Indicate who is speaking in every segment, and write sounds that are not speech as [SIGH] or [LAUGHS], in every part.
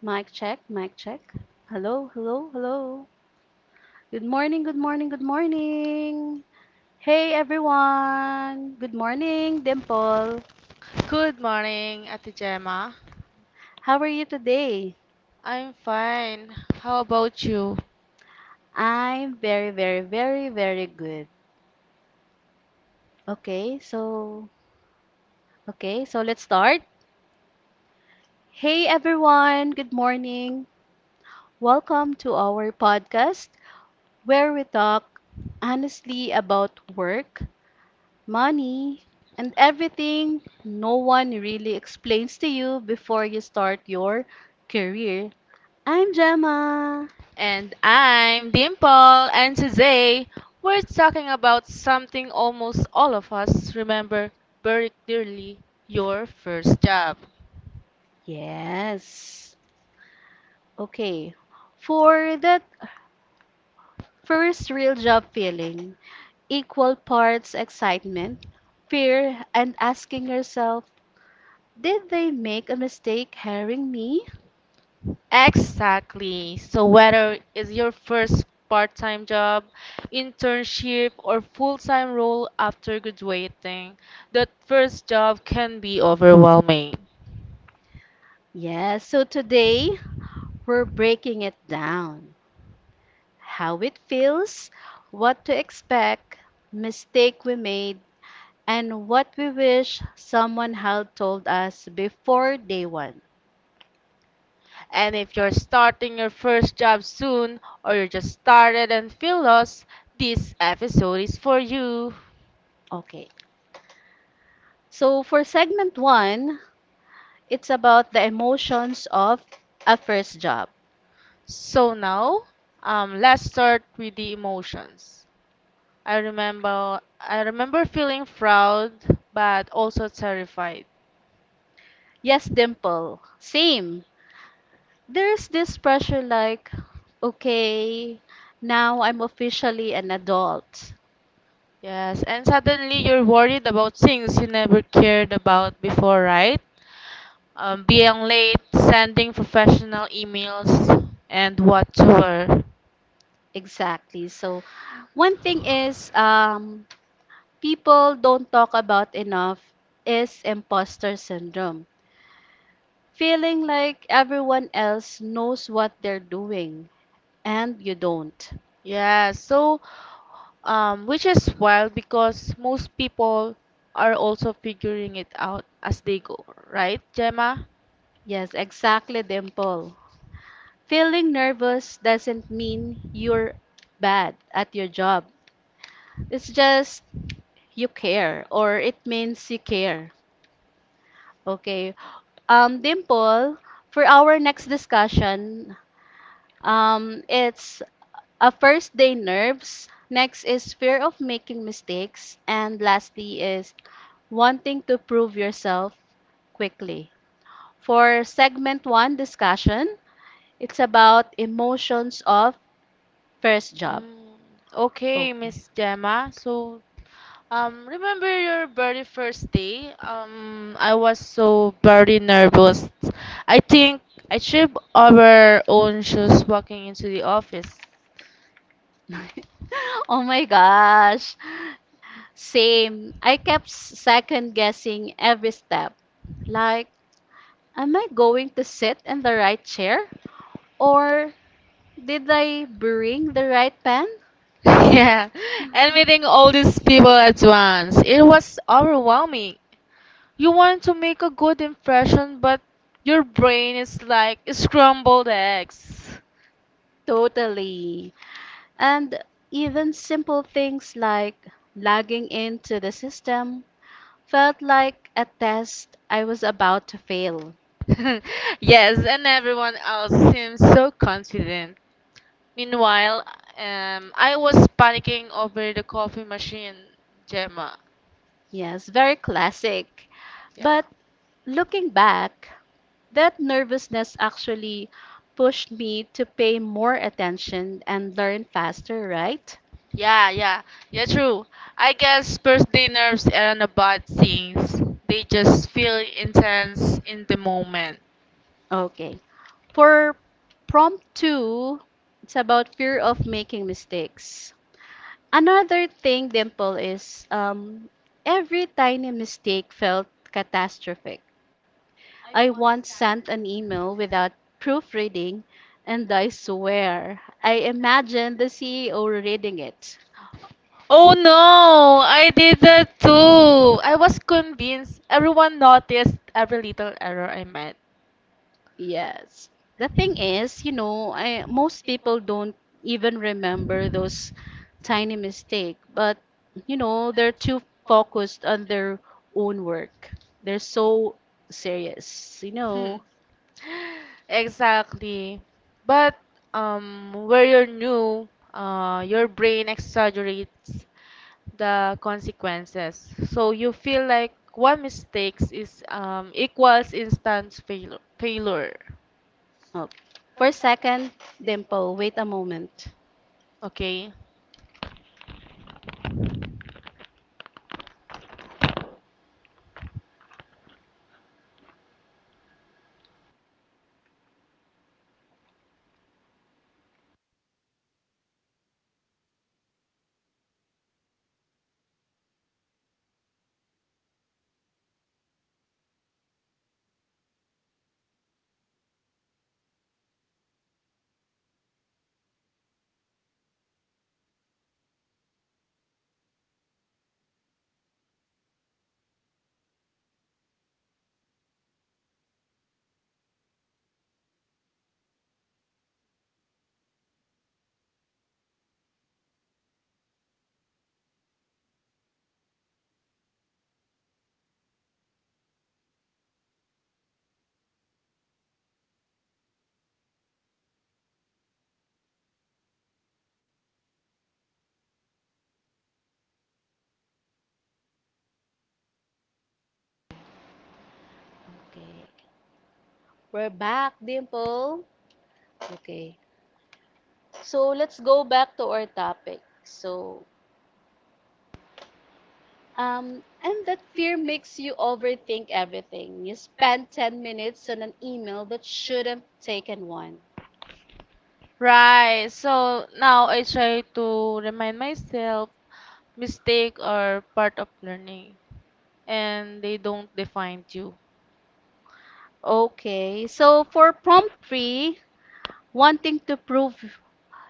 Speaker 1: Mic check, mic check. Hello, hello, hello. Good morning, good morning, good morning. Hey everyone. Good morning, Dimple.
Speaker 2: Good morning, Ate Gemma.
Speaker 1: How are you today?
Speaker 2: I'm fine. How about you?
Speaker 1: I'm very, very, very, very good. Okay, so okay, so let's start. Hey everyone, good morning. Welcome to our podcast where we talk honestly about work, money, and everything no one really explains to you before you start your career. I'm Gemma.
Speaker 2: And I'm Dimple, and today we're talking about something almost all of us remember very clearly, your first job.
Speaker 1: Yes. Okay. For that first real job feeling, equal parts excitement, fear, and asking yourself, did they make a mistake hiring me?
Speaker 2: Exactly. So, whether it's your first part time job, internship, or full time role after graduating, that first job can be overwhelming.
Speaker 1: Yes, so today we're breaking it down. How it feels, what to expect, mistake we made, and what we wish someone had told us before day one.
Speaker 2: And if you're starting your first job soon or you just started and feel lost, this episode is for you.
Speaker 1: Okay. So for segment one, it's about the emotions of a first job.
Speaker 2: So now, let's start with the emotions. I remember feeling proud but also terrified.
Speaker 1: Yes, Dimple. Same. There's this pressure like, okay, now I'm officially an adult.
Speaker 2: Yes, and suddenly you're worried about things you never cared about before, right? Being late, sending professional emails, and whatsoever.
Speaker 1: Exactly. So one thing is people don't talk about enough is imposter syndrome. Feeling like everyone else knows what they're doing and you don't.
Speaker 2: Yeah, so which is wild because most people are also figuring it out as they go, right, Gemma?
Speaker 1: Yes, exactly, Dimple. Feeling nervous doesn't mean you're bad at your job. It's just you care or it means you care. Okay. Dimple, for our next discussion, it's a first day nerves. Next is fear of making mistakes. And lastly is wanting to prove yourself quickly. For segment one discussion, it's about emotions of first job.
Speaker 2: Mm, okay,
Speaker 1: Okay.
Speaker 2: Miss Gemma. So, remember your very first day? I was so very nervous. I think I tripped over own shoes walking into the office.
Speaker 1: [LAUGHS] Oh my gosh. Same. I kept second guessing every step. Like, am I going to sit in the right chair? Or did I bring the right pen?
Speaker 2: [LAUGHS] Yeah, and meeting all these people at once. It was overwhelming. You want to make a good impression, but your brain is like scrambled eggs.
Speaker 1: Totally. And even simple things like logging into the system felt like a test I was about to fail.
Speaker 2: [LAUGHS] Yes, and everyone else seems so confident. Meanwhile, I was panicking over the coffee machine, Gemma.
Speaker 1: Yes, very classic.
Speaker 2: Yeah.
Speaker 1: But looking back, that nervousness actually pushed me to pay more attention and learn faster, right?
Speaker 2: Yeah, yeah, yeah, true. I guess birthday nerves aren't about things, they just feel intense in the moment.
Speaker 1: Okay. For prompt two, it's about fear of making mistakes. Another thing, Dimple, is every tiny mistake felt catastrophic. I once sent an email without proofreading, and I swear, I imagined the CEO reading it.
Speaker 2: Oh no, I did that too. I was convinced everyone noticed every little error I made.
Speaker 1: Yes. The thing is, you know, most people don't even remember those tiny mistake, but you know, they're too focused on their own work. They're so serious, you know.
Speaker 2: Hmm. [LAUGHS] Exactly. But where you're new, your brain exaggerates the consequences. So you feel like one mistakes is equals instant failure.
Speaker 1: Okay. For a second, Dimple, wait a moment.
Speaker 2: Okay.
Speaker 1: Okay. We're back, Dimple. Okay. So let's go back to our topic. And that fear makes you overthink everything. You spend 10 minutes on an email that should have taken one.
Speaker 2: Right. So now I try to remind myself mistake are part of learning and they don't define you.
Speaker 1: Okay, so for prompt three, wanting to prove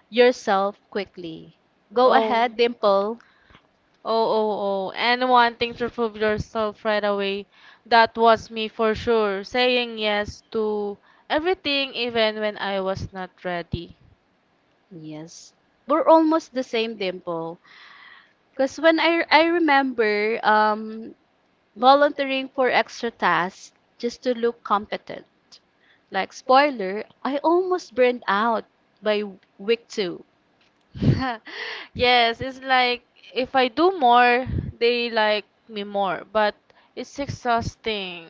Speaker 1: yourself quickly. Go
Speaker 2: Oh.
Speaker 1: ahead, Dimple.
Speaker 2: Oh. And wanting to prove yourself right away. That was me for sure. Saying yes to everything even when I was not ready.
Speaker 1: Yes, we're almost the same, Dimple. Because when I remember volunteering for extra tasks just to look competent. Like, spoiler, I almost burned out by week two.
Speaker 2: [LAUGHS] Yes, it's like if I do more, they like me more, but it's exhausting.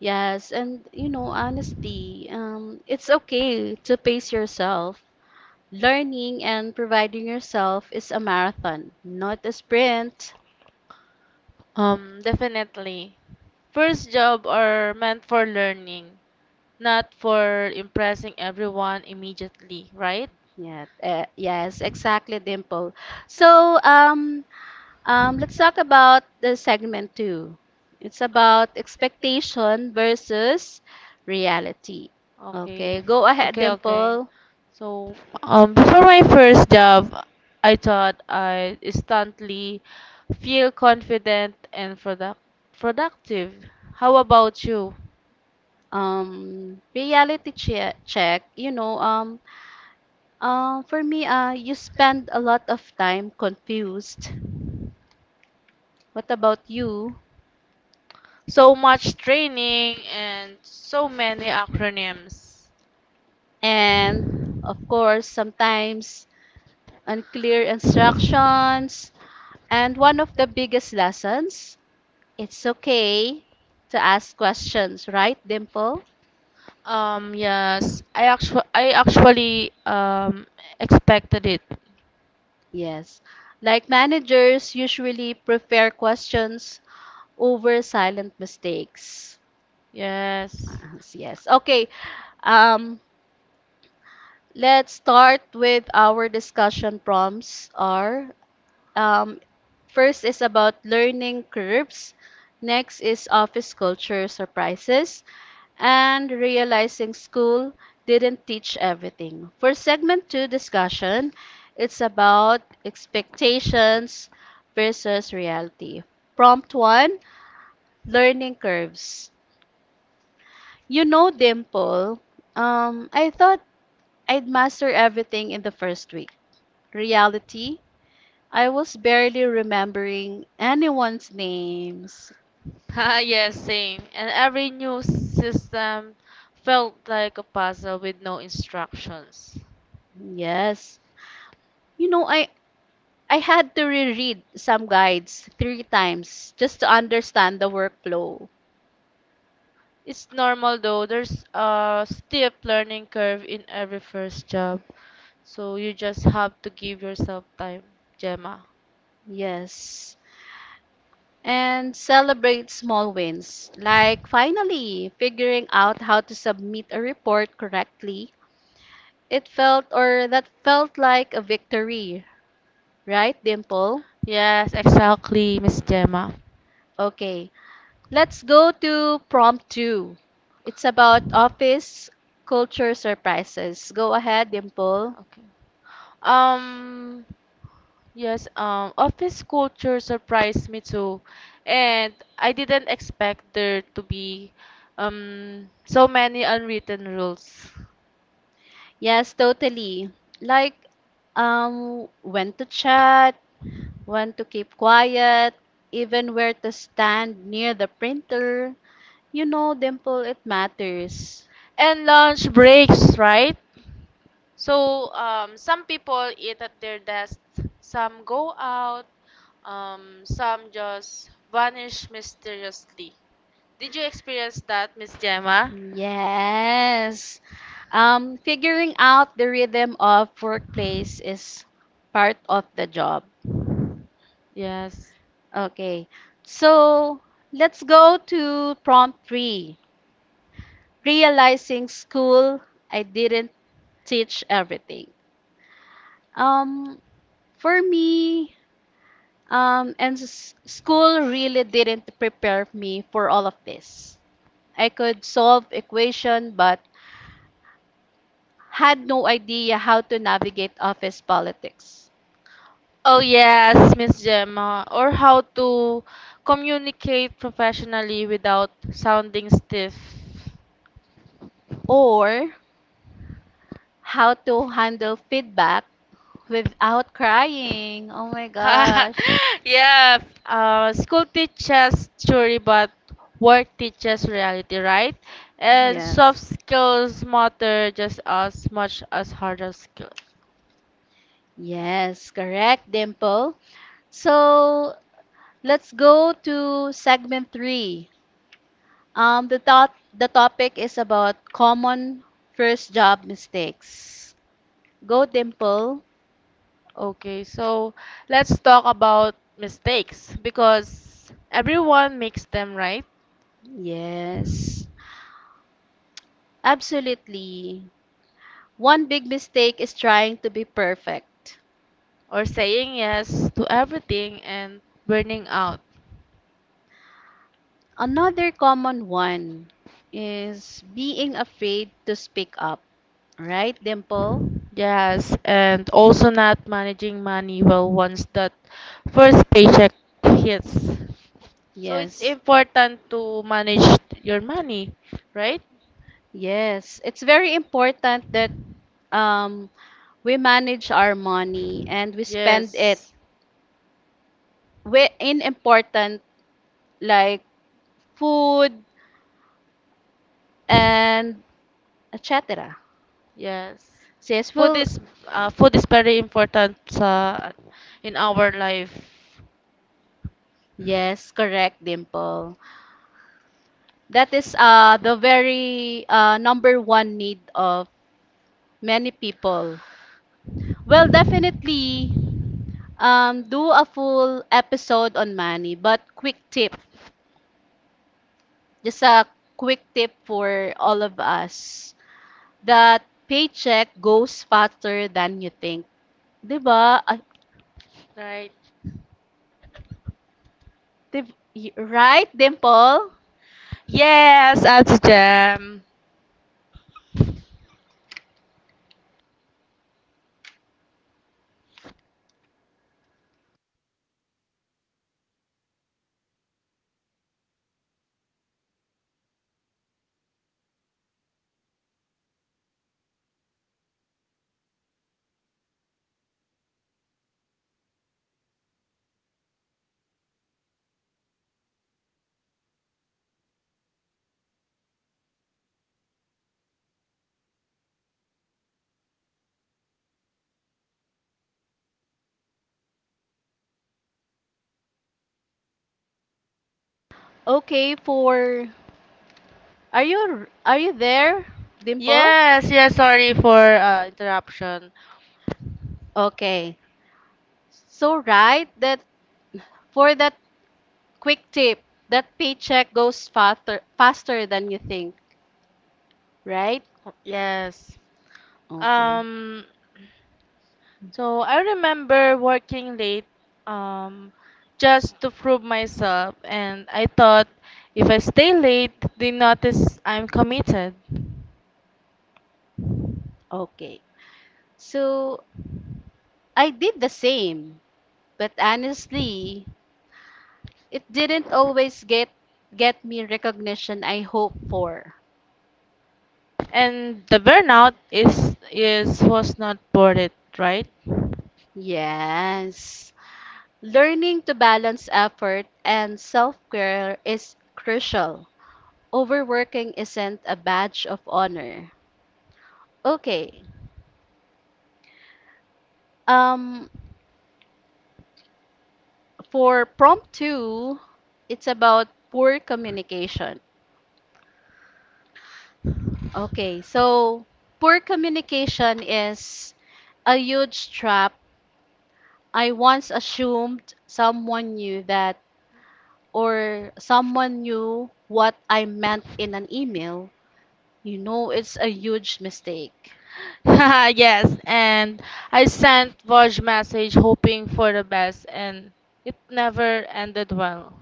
Speaker 1: Yes, and you know, honesty. It's okay to pace yourself. Learning and providing yourself is a marathon, not a sprint.
Speaker 2: Definitely. First job are meant for learning, not for impressing everyone immediately, right?
Speaker 1: Yeah, yes, exactly, Dimple. So, let's talk about the segment two. It's about expectation versus reality.
Speaker 2: Okay.
Speaker 1: Okay, go ahead,
Speaker 2: Okay, okay.
Speaker 1: Dimple.
Speaker 2: So, before my first job, I thought I instantly feel confident and productive. How about you?
Speaker 1: Reality check. You know, for me, you spend a lot of time confused. What about you?
Speaker 2: So much training and so many acronyms.
Speaker 1: And of course, sometimes unclear instructions. And one of the biggest lessons, it's okay to ask questions, right, Dimple?
Speaker 2: Yes, I actually expected it.
Speaker 1: Yes. Like managers usually prefer questions over silent mistakes.
Speaker 2: Yes. [LAUGHS]
Speaker 1: Yes. Yes. Okay. Um, Let's start with our discussion prompts are um, first is about learning curves, next is office culture surprises, and realizing school didn't teach everything. For segment 2 discussion, it's about expectations versus reality. Prompt 1, learning curves. You know, Dimple, I thought I'd master everything in the first week. Reality, I was barely remembering anyone's names.
Speaker 2: Ah, yes, same. And every new system felt like a puzzle with no instructions.
Speaker 1: Yes. You know, I had to reread some guides three times just to understand the workflow.
Speaker 2: It's normal though. There's a steep learning curve in every first job. So you just have to give yourself time, Gemma.
Speaker 1: Yes. And celebrate small wins, like finally figuring out how to submit a report correctly. It felt or that felt like a victory, right, Dimple?
Speaker 2: Yes, exactly, Miss Gemma.
Speaker 1: Okay. Let's go to prompt two. It's about office culture surprises. Go ahead, Dimple.
Speaker 2: Okay. Um, yes, office culture surprised me too. And I didn't expect there to be so many unwritten rules.
Speaker 1: Yes, totally. Like, when to chat, when to keep quiet, even where to stand near the printer. You know, Dimple, it matters.
Speaker 2: And lunch breaks, right? So, some people eat at their desk, some go out, some just vanish mysteriously. Did you experience that, Miss Gemma?
Speaker 1: Yes. Figuring out the rhythm of workplace is part of the job.
Speaker 2: Yes.
Speaker 1: Okay, so let's go to prompt three. Realizing school, I didn't teach everything. Um, for me, school really didn't prepare me for all of this. I could solve equation, but had no idea how to navigate office politics
Speaker 2: Oh yes, Miss Gemma, or how to communicate professionally without sounding stiff.
Speaker 1: or how to handle feedback without crying. Oh my gosh.
Speaker 2: [LAUGHS] Yeah, school teaches theory, but work teaches reality, right? And
Speaker 1: Yes.
Speaker 2: soft skills matter just as much as harder skill.
Speaker 1: Yes, correct, Dimple. So let's go to segment three. The topic is about common first job mistakes. Go, Dimple.
Speaker 2: Okay, so let's talk about mistakes because everyone makes them, right?
Speaker 1: Yes, absolutely. One big mistake is trying to be perfect.
Speaker 2: Or saying yes to everything and burning out.
Speaker 1: Another common one is being afraid to speak up. Right, Dimple?
Speaker 2: Yes, and also not managing money well once that first paycheck hits. So it's
Speaker 1: Yes.
Speaker 2: important to manage your money, right?
Speaker 1: Yes, it's very important that um we manage our money and we spend it
Speaker 2: Yes.
Speaker 1: in important like food and et cetera.
Speaker 2: Yes.
Speaker 1: Sis
Speaker 2: Food
Speaker 1: will
Speaker 2: is food is very important sa in our life,
Speaker 1: yes, correct, Dimple. That is the very number one need of many people. Well, definitely do a full episode on money, but quick tip, just a quick tip for all of us that paycheck goes faster than you think. 'Di ba? Ah,
Speaker 2: right?
Speaker 1: right, Dimple?
Speaker 2: Yes, Ate Jam.
Speaker 1: Okay, for are you there, Dimple?
Speaker 2: Yes, yes, sorry for interruption.
Speaker 1: Okay. So right that for that quick tip, that paycheck goes faster than you think, right?
Speaker 2: Yes.
Speaker 1: Okay.
Speaker 2: Um, so I remember working late um, just to prove myself, and I thought if I stay late, they notice I'm committed.
Speaker 1: Okay. So I did the same, but honestly, it didn't always get me recognition I hope for.
Speaker 2: And the burnout is was not worth it, right?
Speaker 1: Yes. Learning to balance effort and self care is crucial. Overworking isn't a badge of honor. Okay. Um, for prompt two, it's about poor communication. Okay, so poor communication is a huge trap. I once assumed someone knew that, or someone knew what I meant in an email. You know, it's a huge mistake.
Speaker 2: [LAUGHS] Yes, and I sent Voj message hoping for the best, and it never ended well.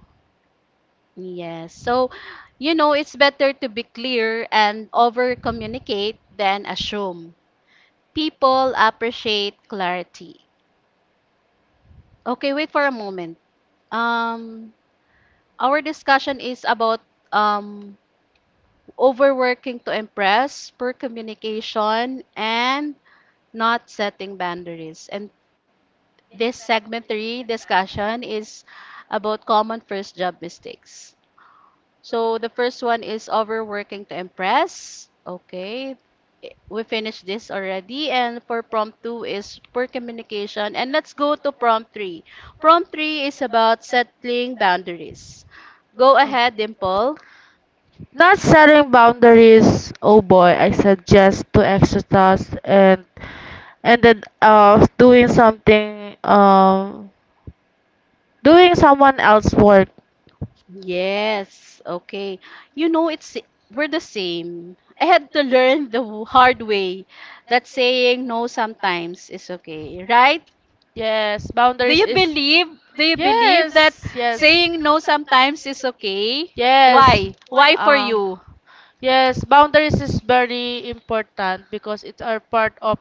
Speaker 1: Yes. So, you know, it's better to be clear and over communicate than assume. People appreciate clarity. Okay, wait for a moment. Um, our discussion is about um, overworking to impress, poor communication, and not setting boundaries. And this segment three discussion is about common first job mistakes. So the first one is overworking to impress. Okay. We finished this already. And for prompt two is poor communication. And let's go to prompt three. Prompt three is about settling boundaries. Go
Speaker 2: Oh.
Speaker 1: ahead, Dimple.
Speaker 2: Not setting boundaries. Oh boy, I said yes to extra tasks and ended up doing someone else's work.
Speaker 1: Yes. Okay. You know, it's we're the same. I had to learn the hard way that saying no sometimes is okay, right?
Speaker 2: Yes,
Speaker 1: Do
Speaker 2: boundaries
Speaker 1: you
Speaker 2: is
Speaker 1: believe? Do you believe that
Speaker 2: yes, yes.
Speaker 1: saying no sometimes is okay?
Speaker 2: Yes.
Speaker 1: Why? Why for
Speaker 2: Uh,
Speaker 1: you?
Speaker 2: yes, boundaries is very important because it's a part of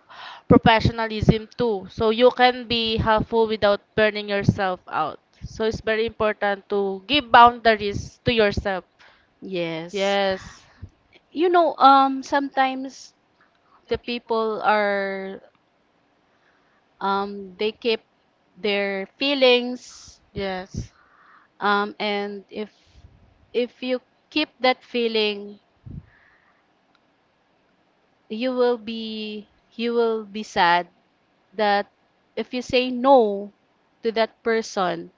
Speaker 2: professionalism too. So you can be helpful without burning yourself out. So it's very important to give boundaries to yourself.
Speaker 1: Yes.
Speaker 2: Yes.
Speaker 1: You know, sometimes the people are, they keep their feelings,
Speaker 2: Yes.
Speaker 1: and if you keep that feeling, you will be you will be sad that if you say no to that person,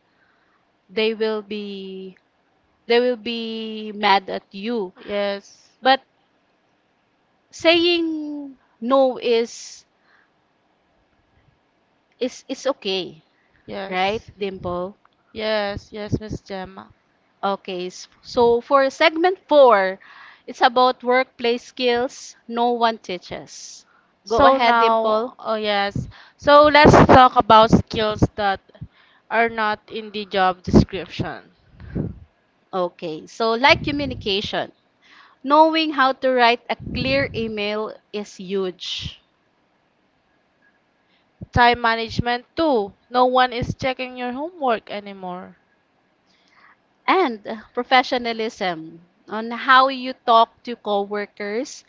Speaker 1: they will be they will be mad at you.
Speaker 2: Yes.
Speaker 1: But saying no is is okay, right,
Speaker 2: Yes.
Speaker 1: Dimple?
Speaker 2: Yes, yes, Miss Gemma.
Speaker 1: Okay, so for segment four, it's about workplace skills no one teaches. Go
Speaker 2: So
Speaker 1: ahead, Dimple.
Speaker 2: now, oh yes. So let's talk about skills that are not in the job description.
Speaker 1: Okay, so like communication, knowing how to write a clear email is huge.
Speaker 2: Time management too. No one is checking your homework anymore.
Speaker 1: And professionalism on how you talk to coworkers,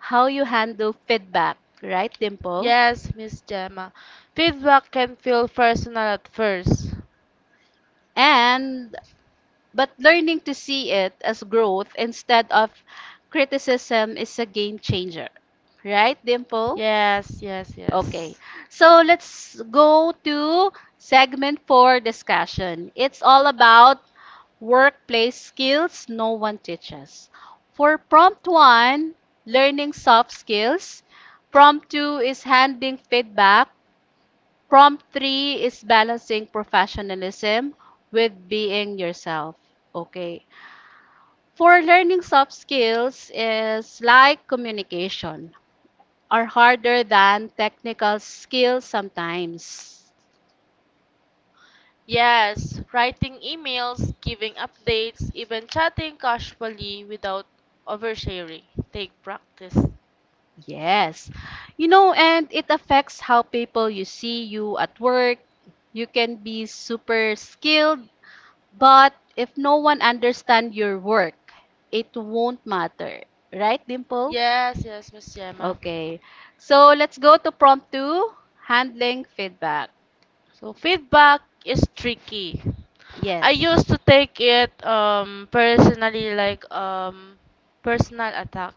Speaker 1: how you handle feedback, right, Dimple?
Speaker 2: Yes, Miss Gemma. Feedback can feel personal at first.
Speaker 1: And but learning to see it as growth instead of criticism is a game changer, right, Dimple?
Speaker 2: Yes, yes,
Speaker 1: Okay,
Speaker 2: yes.
Speaker 1: so let's go to segment four discussion. It's all about workplace skills no one teaches. For prompt one, learning soft skills. Prompt two is handing feedback. Prompt three is balancing professionalism with being yourself. Okay. For learning soft skills is like communication are harder than technical skills sometimes.
Speaker 2: Yes, writing emails, giving updates, even chatting casually without oversharing. Take practice.
Speaker 1: Yes. You know, and it affects how people you see you at work. You can be super skilled, but if no one understands your work, it won't matter. Right, Dimple?
Speaker 2: Yes, yes, Miss Gemma.
Speaker 1: Okay. So let's go to prompt two handling feedback.
Speaker 2: So feedback is tricky. I
Speaker 1: Yes.
Speaker 2: used to take it personally like personal attack.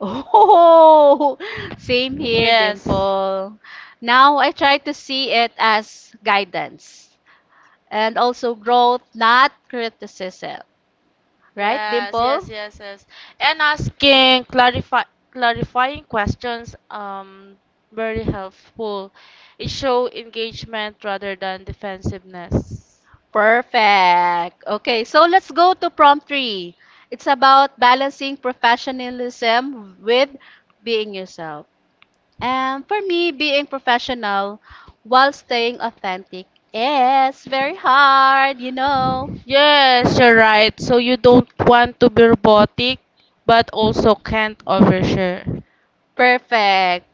Speaker 1: Oh, [LAUGHS] same here,
Speaker 2: Yes.
Speaker 1: Dimple. Now I try to see it as guidance and also growth, not criticism. Right,
Speaker 2: Yes, yes,
Speaker 1: Dimple?
Speaker 2: yes, yes. And asking clarifying questions very helpful. It show engagement rather than defensiveness.
Speaker 1: Perfect. Okay, so let's go to prompt three. It's about balancing professionalism with being yourself. And for me, being professional while staying authentic is very hard, you know.
Speaker 2: Yes, you're right. So you don't want to be robotic, but also can't overshare.
Speaker 1: Perfect.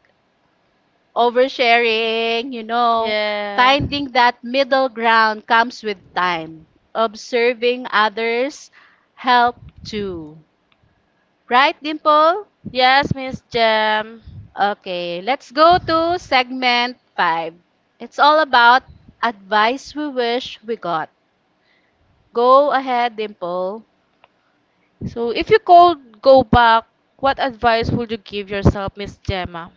Speaker 1: Oversharing, you know.
Speaker 2: Yeah.
Speaker 1: Finding that middle ground comes with time. Observing others help too. Right, Dimple?
Speaker 2: Yes, Miss Jam.
Speaker 1: Okay, let's go to segment 5. It's all about advice we wish we got. Go ahead, Dimple.
Speaker 2: So, if you could go back, what advice would you give yourself, Miss Gemma?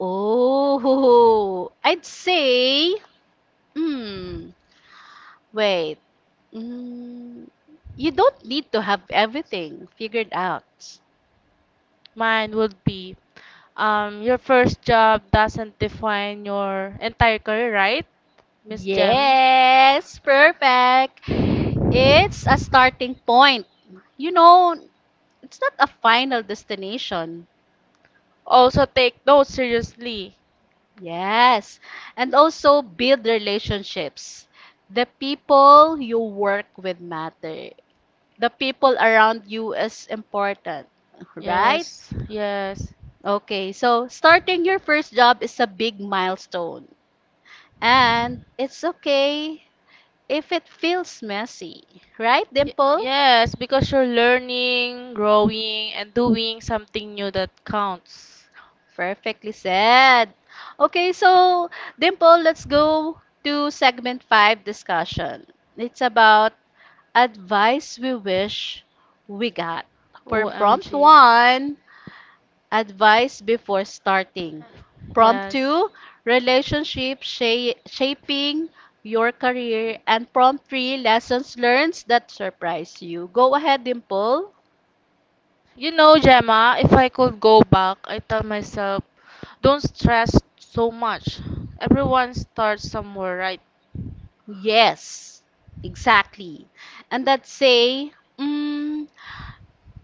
Speaker 1: Oh, [LAUGHS] I'd say, hmm, wait. Mm, you don't need to have everything figured out.
Speaker 2: Mine would be, your first job doesn't define your entire career, right, Miss Gem?
Speaker 1: Yes, perfect. It's a starting point. You know, it's not a final destination.
Speaker 2: Also, take notes seriously.
Speaker 1: Yes. And also build relationships. The people you work with matter. The people around you is important, right?
Speaker 2: Yes, yes.
Speaker 1: Okay, so starting your first job is a big milestone. And it's okay if it feels messy, right, Dimple?
Speaker 2: Yes, because you're learning, growing, and doing something new that counts.
Speaker 1: Perfectly said. Okay, so Dimple, let's go to segment five discussion. It's about advice we wish we got. For prompt
Speaker 2: OMG.
Speaker 1: one, advice before starting. Prompt
Speaker 2: Yes.
Speaker 1: two, shaping your career. And prompt three, lessons learned that surprise you. Go ahead, Dimple.
Speaker 2: You know, Gemma, if I could go back, I tell myself, don't stress so much. Everyone starts somewhere, right?
Speaker 1: Yes, exactly. And that say, mm,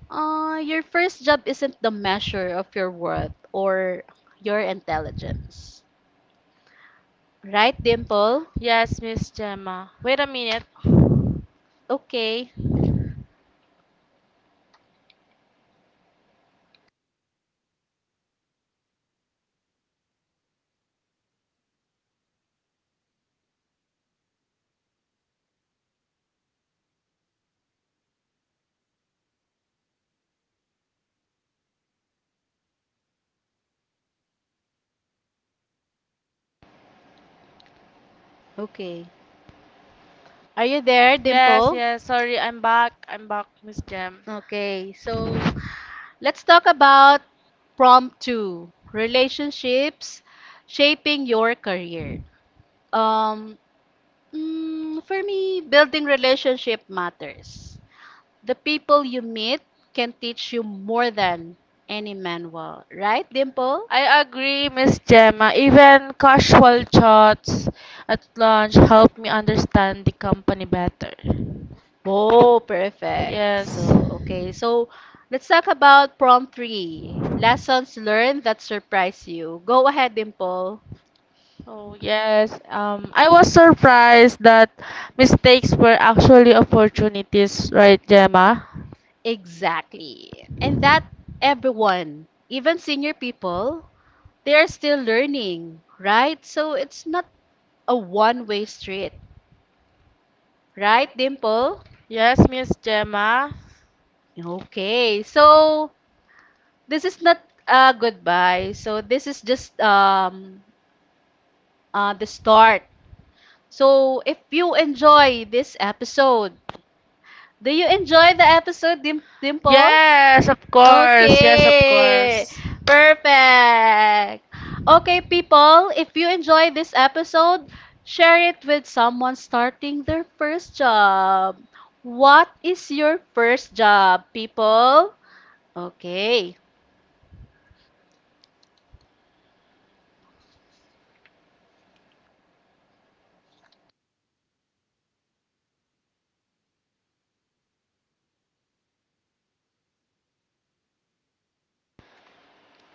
Speaker 1: Your first job isn't the measure of your worth or your intelligence. Right, Dimple?
Speaker 2: Yes, Miss Gemma. Wait a minute.
Speaker 1: Okay. Okay. Are you there,
Speaker 2: Yes,
Speaker 1: Dimple?
Speaker 2: yes, sorry, I'm back, Miss Gem.
Speaker 1: Okay. So, let's talk about prompt 2, relationships shaping your career. Um, for me, building relationship matters. The people you meet can teach you more than any manual, right, Dimple?
Speaker 2: I agree, Miss Gemma. Even casual chats at lunch help me understand the company better.
Speaker 1: Oh, perfect.
Speaker 2: Yes.
Speaker 1: So, okay. So, let's talk about prompt three. Lessons learned that surprise you. Go ahead, Dimple.
Speaker 2: Oh yes, I was surprised that mistakes were actually opportunities, right, Gemma?
Speaker 1: Exactly. And that everyone, even senior people, they are still learning, right? So, it's not a one-way street, right, Dimple?
Speaker 2: Yes, Miss Gemma.
Speaker 1: Okay. So, this is not a goodbye. So, this is just the start. So, if you enjoy this episode, do you enjoy the episode, Dimple?
Speaker 2: Yes, of course. Yes, of
Speaker 1: Okay,
Speaker 2: course.
Speaker 1: perfect. Okay, people, if you enjoy this episode, share it with someone starting their first job. What is your first job, people? Okay.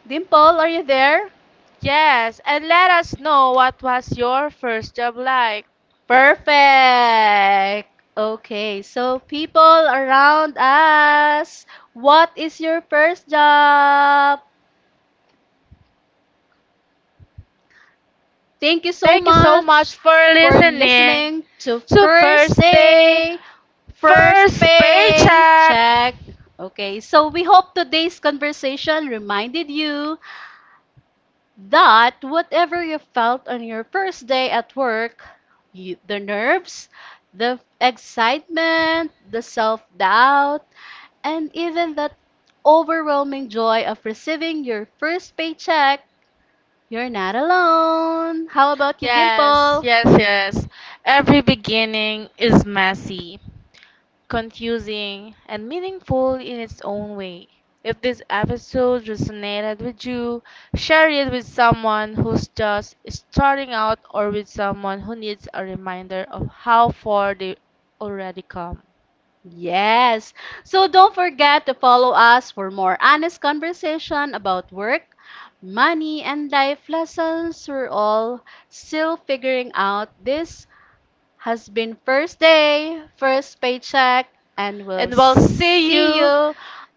Speaker 1: Dimple, are you there?
Speaker 2: Yes, and let us know what was your first job like.
Speaker 1: Perfect. Okay, so people around us, what is your first job? Thank you so
Speaker 2: Thank you so
Speaker 1: much
Speaker 2: much for
Speaker 1: for
Speaker 2: listening.
Speaker 1: listening to
Speaker 2: So
Speaker 1: First
Speaker 2: first day,
Speaker 1: Day, First
Speaker 2: first
Speaker 1: Pay
Speaker 2: paycheck.
Speaker 1: Check. Okay, so we hope today's conversation reminded you that whatever you felt on your first day at work, you, the nerves, the excitement, the self doubt, and even that overwhelming joy of receiving your first paycheck, you're not alone. How about you,
Speaker 2: Yes,
Speaker 1: Dimple?
Speaker 2: yes, yes. Every beginning is messy, confusing, and meaningful in its own way. If this episode resonated with you, share it with someone who's just starting out or with someone who needs a reminder of how far they already come.
Speaker 1: Yes. So don't forget to follow us for more honest conversation about work, money, and life lessons we're all still figuring out. This has been first day, first paycheck, and we'll
Speaker 2: And we'll see
Speaker 1: see
Speaker 2: you
Speaker 1: you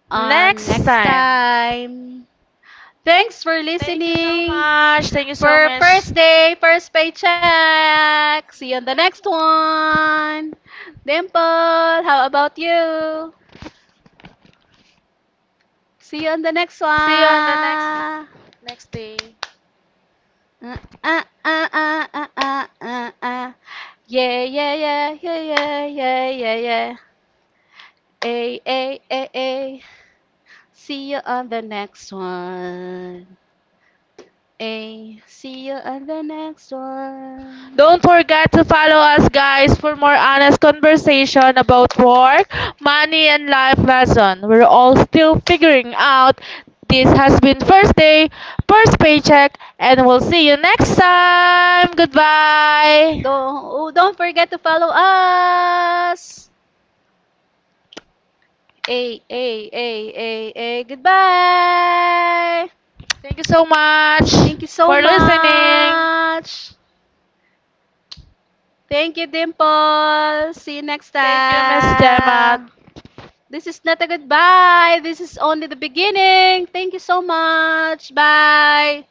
Speaker 1: on
Speaker 2: next
Speaker 1: next
Speaker 2: time.
Speaker 1: time.
Speaker 2: Thank
Speaker 1: Thanks for
Speaker 2: you listening so
Speaker 1: listening
Speaker 2: much. Thank you so
Speaker 1: for
Speaker 2: much.
Speaker 1: first day, first paycheck. See you on the next one. Dimple, how about you? See you on the next
Speaker 2: See you on the
Speaker 1: one.
Speaker 2: next day.
Speaker 1: Uh, uh, uh, uh, uh, uh, uh, uh. Yeah, yeah, yeah, yeah, yeah, yeah, yeah, yeah. Ay, ay, ay, ay. See you on the next one. Hey, see you at the next one.
Speaker 2: Don't forget to follow us guys for more honest conversation about work, money and life lesson. We're all still figuring out. This has been first day, first paycheck, and we'll see you next time. Goodbye.
Speaker 1: Don't forget to follow us. Hey, hey, hey, hey, hey. Goodbye.
Speaker 2: Thank you so much
Speaker 1: Thank you so
Speaker 2: for listening.
Speaker 1: much. Thank you, Dimple. See you next
Speaker 2: Thank you, Miss Gemma.
Speaker 1: time. This is not a goodbye. This is only the beginning. Thank you so much. Bye.